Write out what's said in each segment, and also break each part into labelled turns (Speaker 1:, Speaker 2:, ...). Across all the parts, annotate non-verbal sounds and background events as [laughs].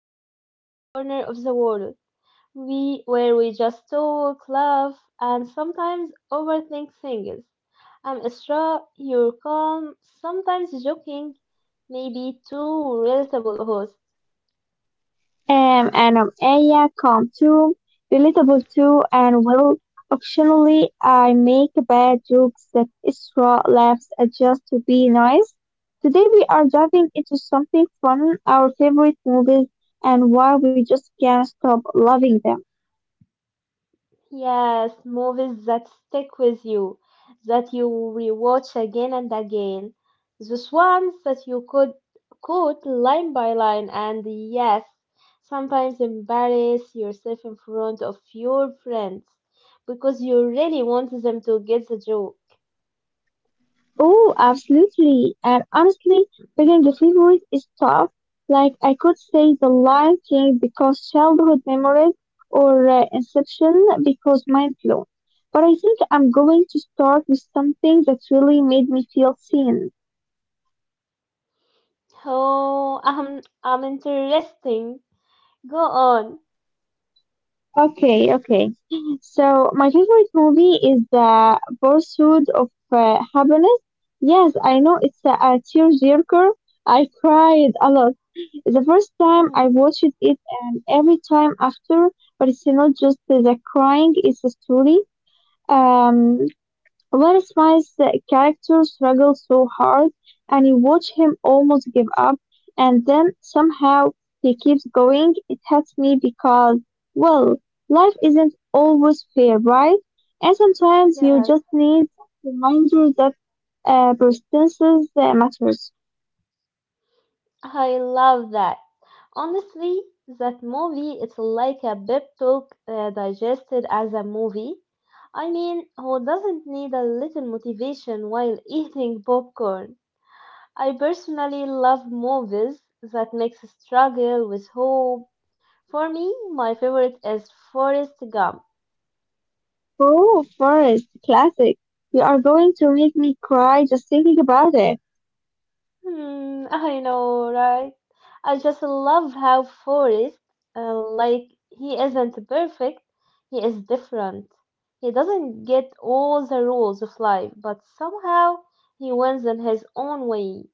Speaker 1: our little corner of the world. We just talk, laugh, and sometimes overthink things. I'm Isra, your calm, sometimes joking, maybe too relatable host.
Speaker 2: And Aya calm too, relatable too, and well, occasionally I make bad jokes that Isra laughs at just to be nice. Today we are diving into something fun, our favorite movies, and why we just can't stop loving them.
Speaker 1: Yes, movies that stick with you, that you rewatch again and again. Those ones that you could quote line by line and yes, sometimes embarrass yourself in front of your friends because you really want them to get the joke.
Speaker 2: Oh, absolutely. And honestly, picking a favorite is tough. Like I could say The Lion King because childhood memories or Inception because mind blown. But I think I'm going to start with something that really made me feel seen.
Speaker 1: Oh, I'm interesting. Go on.
Speaker 2: Okay, okay. So my favorite movie is The Pursuit of Happiness. Yes, I know it's a tearjerker. I cried a lot the first time I
Speaker 1: [laughs]
Speaker 2: watched it and every time after, but it's not just the crying, it's a story. Um, Will Smith's character struggles so hard and you watch him almost give up and then somehow he keeps going. It hurts me because, well, life isn't always fair, right? And sometimes you
Speaker 1: Yes,
Speaker 2: just need a reminder that persistence matters.
Speaker 1: I love that. Honestly, that movie it's like a pep talk digested as a movie. I mean, who doesn't need a little motivation while eating popcorn? I personally love movies that mix struggle with hope. For me, my favorite is Forrest Gump.
Speaker 2: Oh, Forest, classic. You are going to make me cry just thinking about it.
Speaker 1: Hmm, I know, right? I just love how Forrest, like, he isn't perfect, he is different. He doesn't get all the rules of life, but somehow he wins in his own way.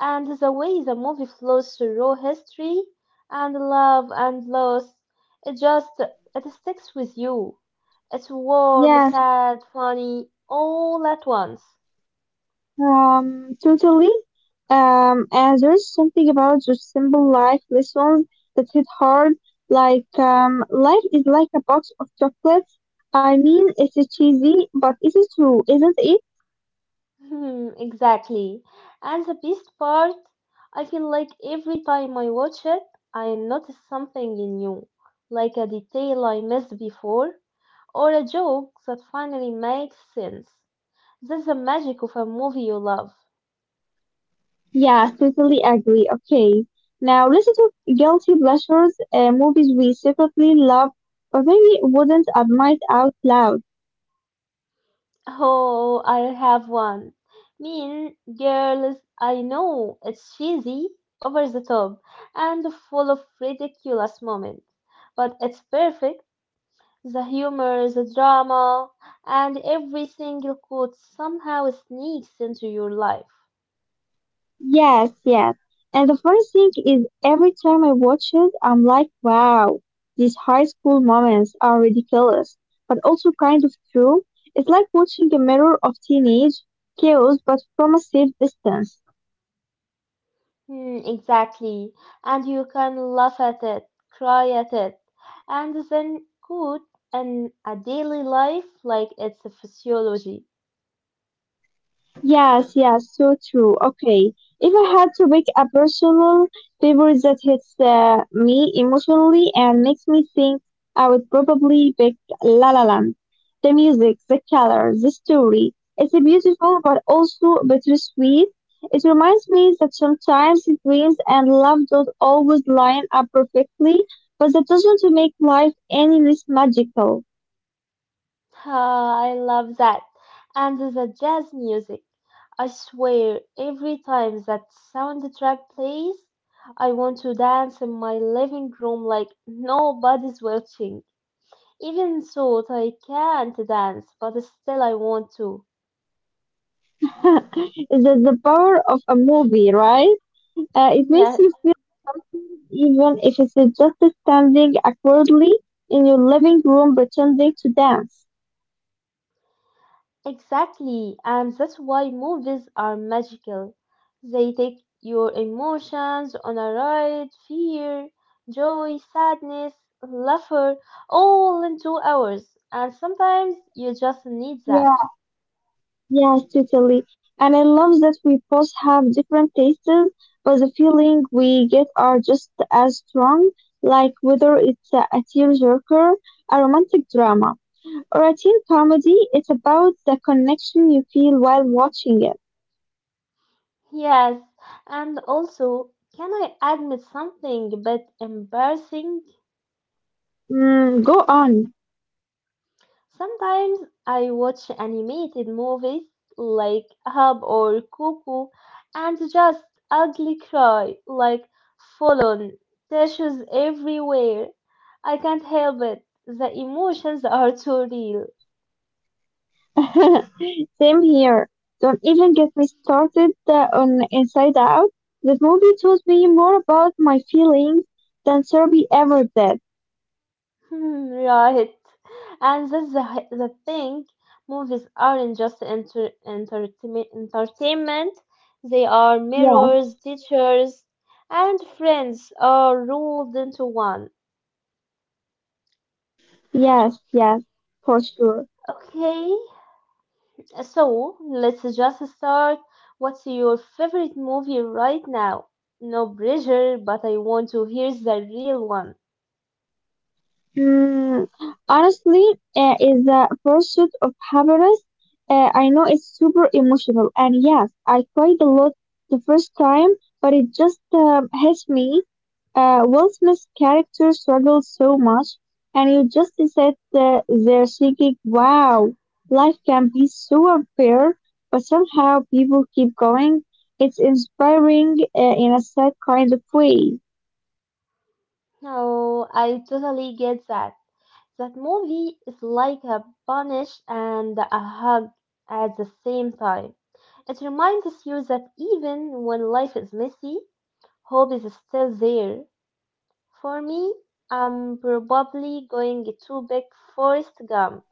Speaker 1: And the way the movie flows through history and love and loss, it just, it sticks with you. It's warm,
Speaker 2: Yes,
Speaker 1: sad, funny, all at once.
Speaker 2: totally. And there's something about just simple life lessons that hit hard. Like, life is like a box of chocolates. I mean, it's cheesy, but it is true, isn't it?
Speaker 1: Hmm, exactly. And the best part, I feel like every time I watch it, I notice something new, like a detail I missed before, or a joke that finally makes sense. That's the magic of a movie you love. [laughs]
Speaker 2: Yeah, totally agree. Okay. Now, listen to guilty pleasures, movies we secretly love, but maybe wouldn't admit out loud.
Speaker 1: Oh, I have one. Mean Girls, I know it's cheesy, over the top, and full of ridiculous moments, but it's perfect. The humor, the drama, and every single quote somehow sneaks into your life.
Speaker 2: Yes, yes. And the funny thing is, every time I watch it, I'm like, wow, these high school moments are ridiculous, but also kind of true. It's like watching a mirror of teenage chaos, but from a safe distance.
Speaker 1: Hmm, exactly. And you can laugh at it, cry at it, and then quote in a daily life like it's a physiology.
Speaker 2: Yes, yes, so true. Okay, if I had to pick a personal favorite that hits me emotionally and makes me think, I would probably pick La La Land. The music, the color, the story. It's a beautiful but also bittersweet. It reminds me that sometimes dreams and love don't always line up perfectly, but that doesn't make life any less magical.
Speaker 1: Ah, I love that. And the jazz music. I swear, every time that soundtrack plays, I want to dance in my living room like nobody's watching. Even so, I can't dance, but still I want to.
Speaker 2: [laughs] That's the power of a movie, right? It makes you feel something, even if it's just standing awkwardly in your living room pretending to dance.
Speaker 1: Exactly, and that's why movies are magical. They take your emotions on a ride, fear, joy, sadness, laughter, all in 2 hours. And sometimes you just need that.
Speaker 2: Yeah, yeah, totally. And I love that we both have different tastes, but the feeling we get are just as strong, like whether it's a tearjerker, a romantic drama, or a teen comedy, it's about the connection you feel while watching it.
Speaker 1: Yes, and also, can I admit something a bit embarrassing?
Speaker 2: Mm, go on.
Speaker 1: Sometimes I watch animated movies like Hub or Cuckoo and just ugly cry like fallen tissues everywhere. I can't help it. The emotions are too real.
Speaker 2: [laughs] Same here. Don't even get me started on Inside Out. That movie taught me more about my feelings than therapy ever did.
Speaker 1: [laughs] Right. And that's the thing. Movies aren't just entertainment. They are
Speaker 2: Yes,
Speaker 1: mirrors, teachers, and friends are rolled into one.
Speaker 2: yes, yes, for sure.
Speaker 1: Okay? So let's just start. What's your favorite movie right now? No pressure, but I want to hear the real one.
Speaker 2: Mm, honestly, is the pursuit of happiness. I know it's super emotional, and yes, I cried a lot the first time, but it just hits me. Will Smith's character struggles so much, and you just sit there thinking, "Wow, life can be so unfair," but somehow people keep going. It's inspiring in a sad kind of way.
Speaker 1: Oh, I totally get that. That movie is like a punish and a hug at the same time. It reminds you that even when life is messy, hope is still there. For me, I'm probably going to pick Forrest Gump.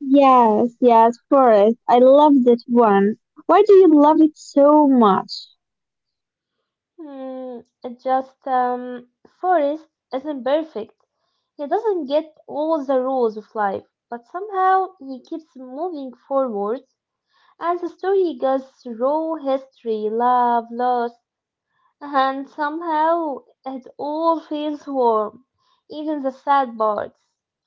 Speaker 2: Yes, yes, Forest. I love that one. Why do you love it so much?
Speaker 1: Hmm. It just Forrest isn't perfect. He doesn't get all the rules of life, but somehow he keeps moving forward. As the story goes through history, love, loss, and somehow it all feels warm, even the sad parts.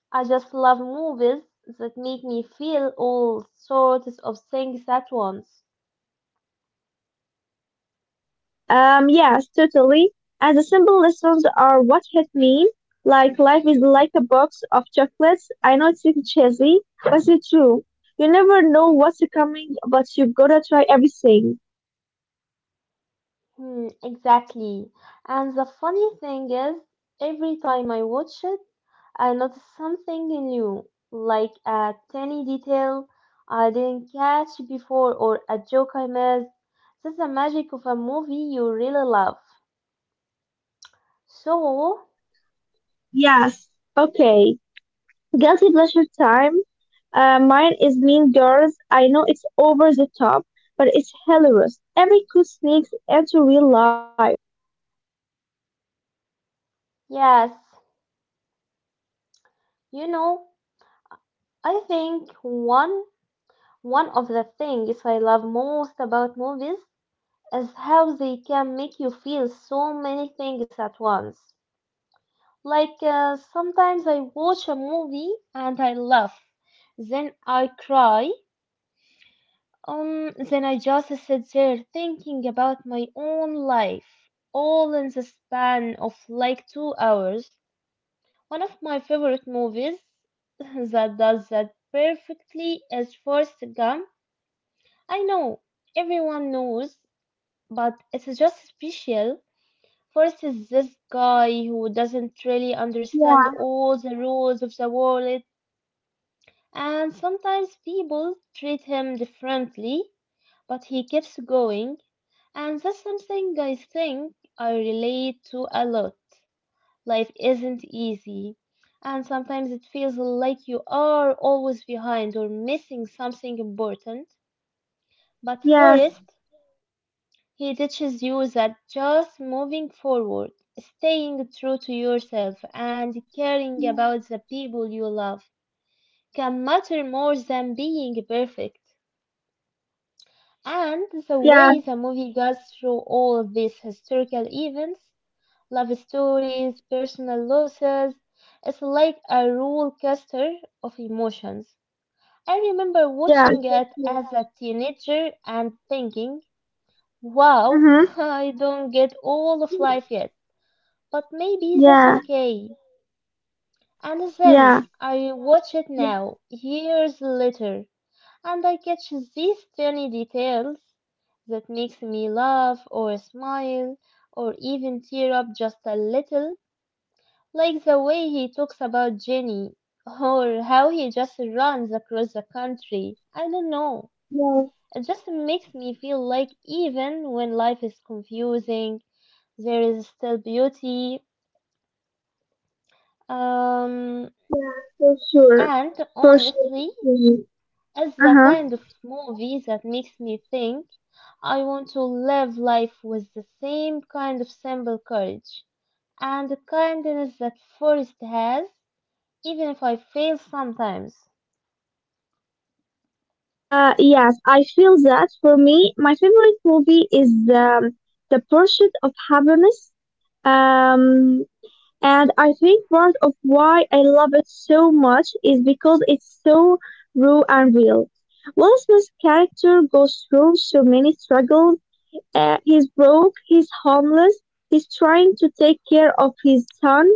Speaker 1: I just love movies that make me feel all sorts of things at once.
Speaker 2: Yes, totally. And the simple lessons are what hit me. Like life is like a box of chocolates. I know it's cheesy, but it's true. You never know what's coming, but you gotta try everything.
Speaker 1: Hmm, exactly. And the funny thing is, every time I watch it, I notice something new, like a tiny detail I didn't catch before or a joke I missed. That's the magic of a movie you really love. So,
Speaker 2: Yes. Okay. Guilty pleasure time. Mine is Mean Girls. I know it's over the top, but it's hilarious. Every good sneaks into real life.
Speaker 1: yes, you know, I think one of the things I love most about movies is how they can make you feel so many things at once. Like sometimes I watch a movie and I laugh, then I cry, then I just sit there thinking about my own life, all in the span of like 2 hours. One of my favorite movies [laughs] that does that perfectly is Forrest Gump. I know everyone knows, but it's just special. Forrest is this guy who doesn't really understand all the rules of the world, and sometimes people treat him differently, but he keeps going. And that's something I think I relate to a lot. Life isn't easy. And sometimes it feels like you are always behind or missing something important. But
Speaker 2: Yes.
Speaker 1: Forrest, he teaches you that just moving forward, staying true to yourself, and caring about the people you love can matter more than being perfect. And the
Speaker 2: Yeah.
Speaker 1: way the movie goes through all these historical events, love stories, personal losses, it's like a roller coaster of emotions. I remember
Speaker 2: Yeah.
Speaker 1: watching it as a teenager and thinking, wow,
Speaker 2: Mm-hmm.
Speaker 1: [laughs] I don't get all of life yet, but maybe that's
Speaker 2: Yeah.
Speaker 1: okay. And then
Speaker 2: Yeah.
Speaker 1: I watch it now, years later, and I catch these tiny details that makes me laugh or smile or even tear up just a little, like the way he talks about Jenny or how he just runs across the country. I don't know.
Speaker 2: Yeah.
Speaker 1: It makes me feel like even when life is confusing, there is still beauty. Um,
Speaker 2: Yeah. For sure.
Speaker 1: and
Speaker 2: For sure.
Speaker 1: honestly, it's the
Speaker 2: Uh-huh.
Speaker 1: kind of movie that makes me think I want to live life with the same kind of simple courage and the kindness that Forrest has, even if I fail sometimes.
Speaker 2: Yes, I feel that for me, my favorite movie is The Pursuit of Happiness. Um, and I think part of why I love it so much is because it's so raw and real. Will Smith's character goes through so many struggles. He's broke, he's homeless, he's trying to take care of his son,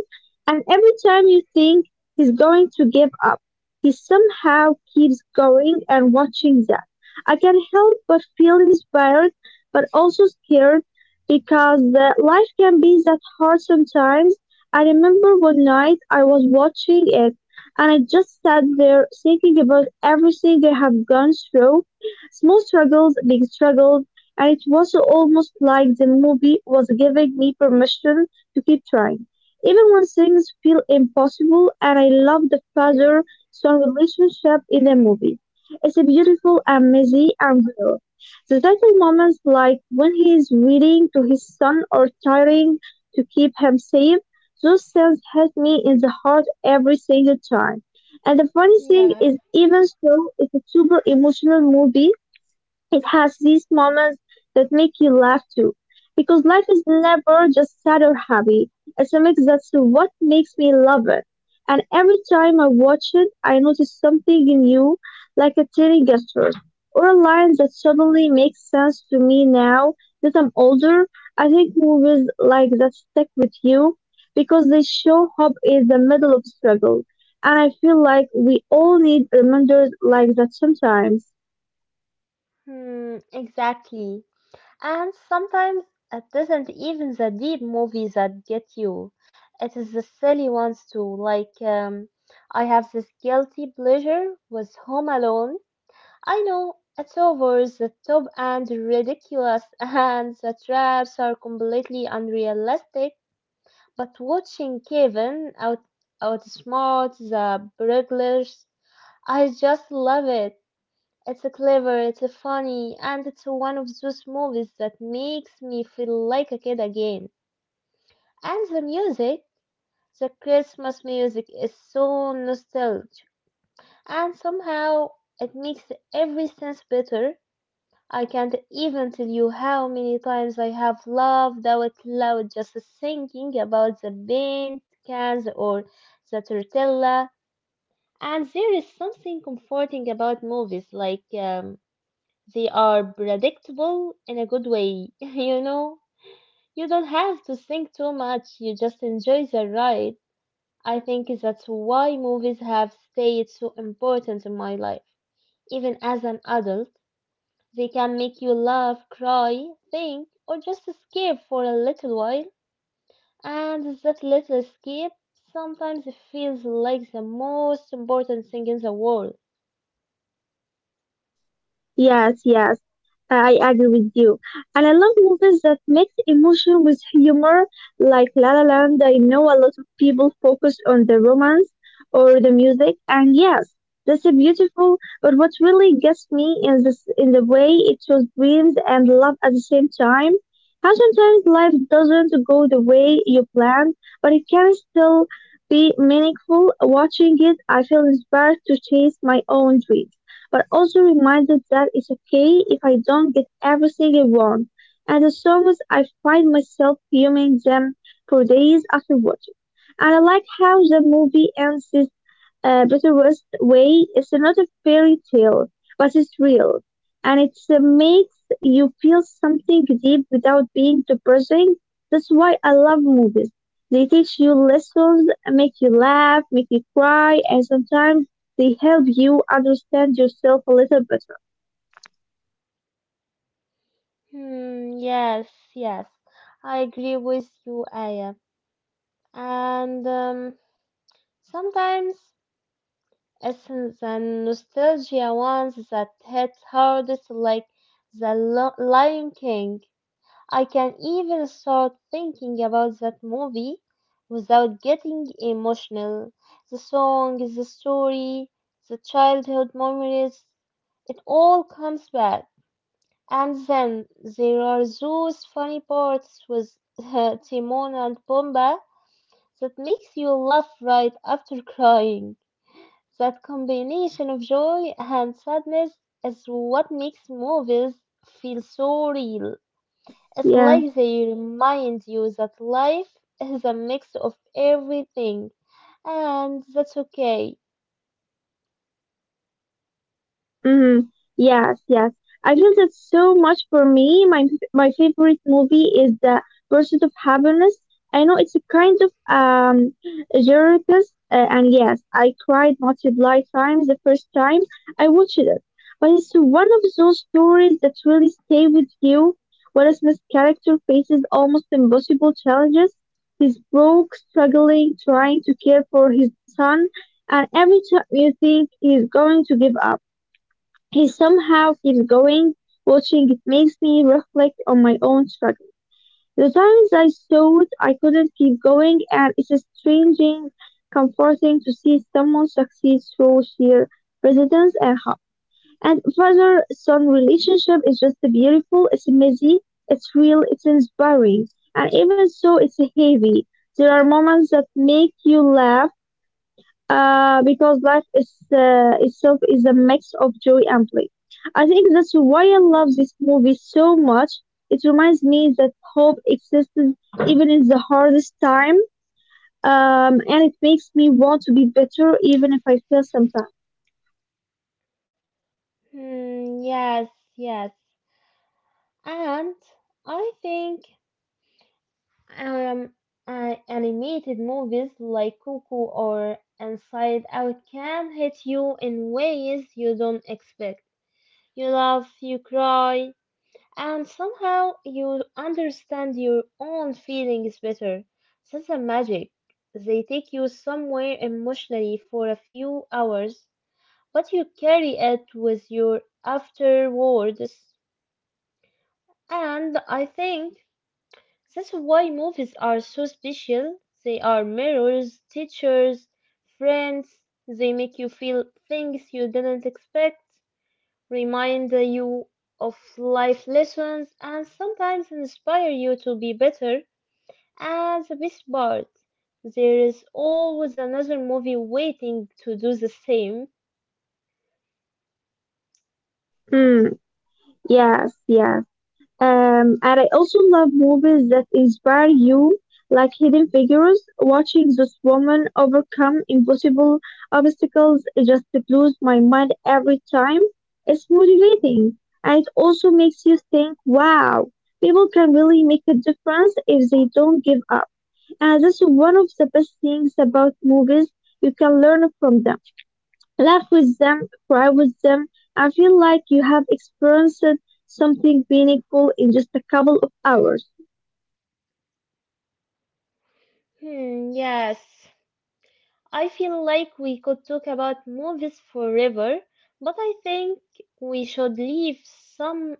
Speaker 2: and every time you think he's going to give up, he somehow keeps going and watching that. I can't help but feel inspired, but also scared because life can be that hard sometimes. I remember one night I was watching it and I just sat there thinking about everything I have gone through, small struggles, big struggles, and it was almost like the movie was giving me permission to keep trying. Even when things feel impossible, and I love the
Speaker 1: Mm,
Speaker 2: father son relationship in the movie. It's a beautiful and messy and real. The title moments, like when he is reading to his son or trying to keep him safe, those scenes hit me in the heart every single time. And the funny thing
Speaker 1: yeah.
Speaker 2: is, even so, it's a super emotional movie. It has these moments that make you laugh too. Because life is never just sad or happy. It's a mix, that's what makes me love it. And every time I watch it, I notice something in you, like a tiny gesture or a line that suddenly makes sense to me now that I'm older. I think movies like that stick with you because they show hope in the middle of struggle. And I feel like we all need reminders like that sometimes.
Speaker 1: Hmm, exactly. And sometimes it isn't even the deep movies that get you. It is the silly ones too. Like I have this guilty pleasure with Home Alone. I know it's over the top and ridiculous, [laughs] and the traps are completely unrealistic. But watching Kevin outsmart the burglars, I just love it. It's clever, it's funny, and it's one of those movies that makes me feel like a kid again. And the music, the Christmas music, is so nostalgic, and somehow it makes every sense better. I can't even tell you how many times I have laughed out loud just thinking about the paint cans or the tortilla. And there is something comforting about movies, like they are predictable in a good way, [laughs] you know? You don't have to think too much, you just enjoy the ride. I think that's why movies have stayed so important in my life, even as an adult. They can make you laugh, cry, think, or just escape for a little while. And that little escape sometimes feels like the most important thing in the world.
Speaker 2: Yes, yes, I agree with you. And I love movies that mix emotion with humor, like La La Land. I know a lot of people focus on the romance or the music, and yes, that's a beautiful. But what really gets me is this in the way it shows dreams and love at the same time. How sometimes life doesn't go the way you planned, but it can still be meaningful. Watching it, I feel inspired to chase my own dreams but also reminded that it's okay if I don't get everything I want. And the songs I find myself fuming them for days after watching. And I like how the movie ends. Butterworth's Way is not a fairy tale, but it's real, and it makes you feel something deep without being depressing. That's why I love movies. They teach you lessons, make you laugh, make you cry, and sometimes they help you understand yourself a little better.
Speaker 1: Hmm, yes, yes. I agree with you, Aya. And sometimes it's the nostalgia ones that hit hardest, like the Lion King. I can even start thinking about that movie without getting emotional. The song, the story, the childhood memories, it all comes back. And then there are those funny parts with [laughs] Timon and Pumbaa that makes you laugh right after [laughs] crying. That combination of joy and sadness is what makes movies feel so real.
Speaker 2: Yes,
Speaker 1: It's
Speaker 2: yeah.
Speaker 1: like they remind you that life is a mix of everything, and that's okay.
Speaker 2: Hmm. Yes, yes. I feel that so much for me. My favorite movie is The Pursuit of Happiness. I know it's a kind of circus, and yes, I cried multiple times the first time I watched it. But it's one of those stories that really stay with you. Will Smith's character faces almost impossible challenges. He's broke, struggling, trying to care for his son, and every time you think he's going to give up, he somehow keeps going. Watching it makes me reflect on my own struggle. The times I thought I couldn't keep going, and it's a strangely comforting to see someone succeed through sheer resilience and hope. And father son relationship is just beautiful, it's messy, it's real, it's inspiring, and even so, it's heavy. There are moments that make you laugh because life is, itself is a mix of joy and play. I think that's why I love this movie so much. It reminds me that hope exists even in the hardest time, and it makes me want to be better even if I fail sometimes.
Speaker 1: Hmm, yes, yes. And I think um, animated movies like Cuckoo or Inside Out can hit you in ways you don't expect. You laugh, you cry, and somehow you understand your own feelings better. That's the magic. They take you somewhere emotionally for a few hours, but you carry it with you afterwards. And I think that's why movies are so special. They are mirrors, teachers, friends. They make you feel things you didn't expect, remind you of life lessons, and sometimes inspire you to be better. And the best part, there is always another movie waiting to do the same.
Speaker 2: Hmm. Yes. Yes. And I also love movies that inspire you, like Hidden Figures. Watching this woman overcome impossible obstacles just blows my mind every time. It's motivating, and it also makes you think, wow, people can really make a difference if they don't give up. And that's one of the best things about movies. You can learn from them. Laugh with them, cry with them. I feel like you have experienced something meaningful in just a couple of hours.
Speaker 1: Hmm, yes. I feel like we could talk about movies forever, but I think we should leave some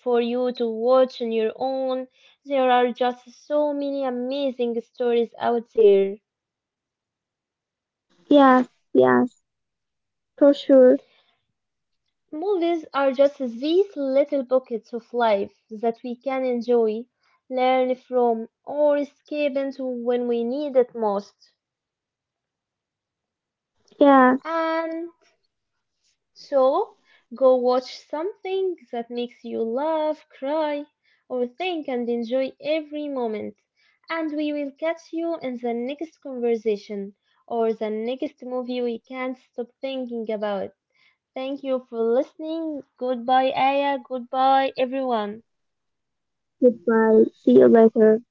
Speaker 1: for you to watch on your own. There are just so many amazing stories out there.
Speaker 2: Yes, yes, for sure.
Speaker 1: Movies are just these little pockets of life that we can enjoy, learn from, or escape into when we need it most.
Speaker 2: Yes,
Speaker 1: And so, go watch something that makes you laugh, cry, or think and enjoy every moment. And we will catch you in the next conversation or the next movie we can't stop thinking about. Thank you for listening. Goodbye, Aya. Goodbye, everyone.
Speaker 2: goodbye. See you later.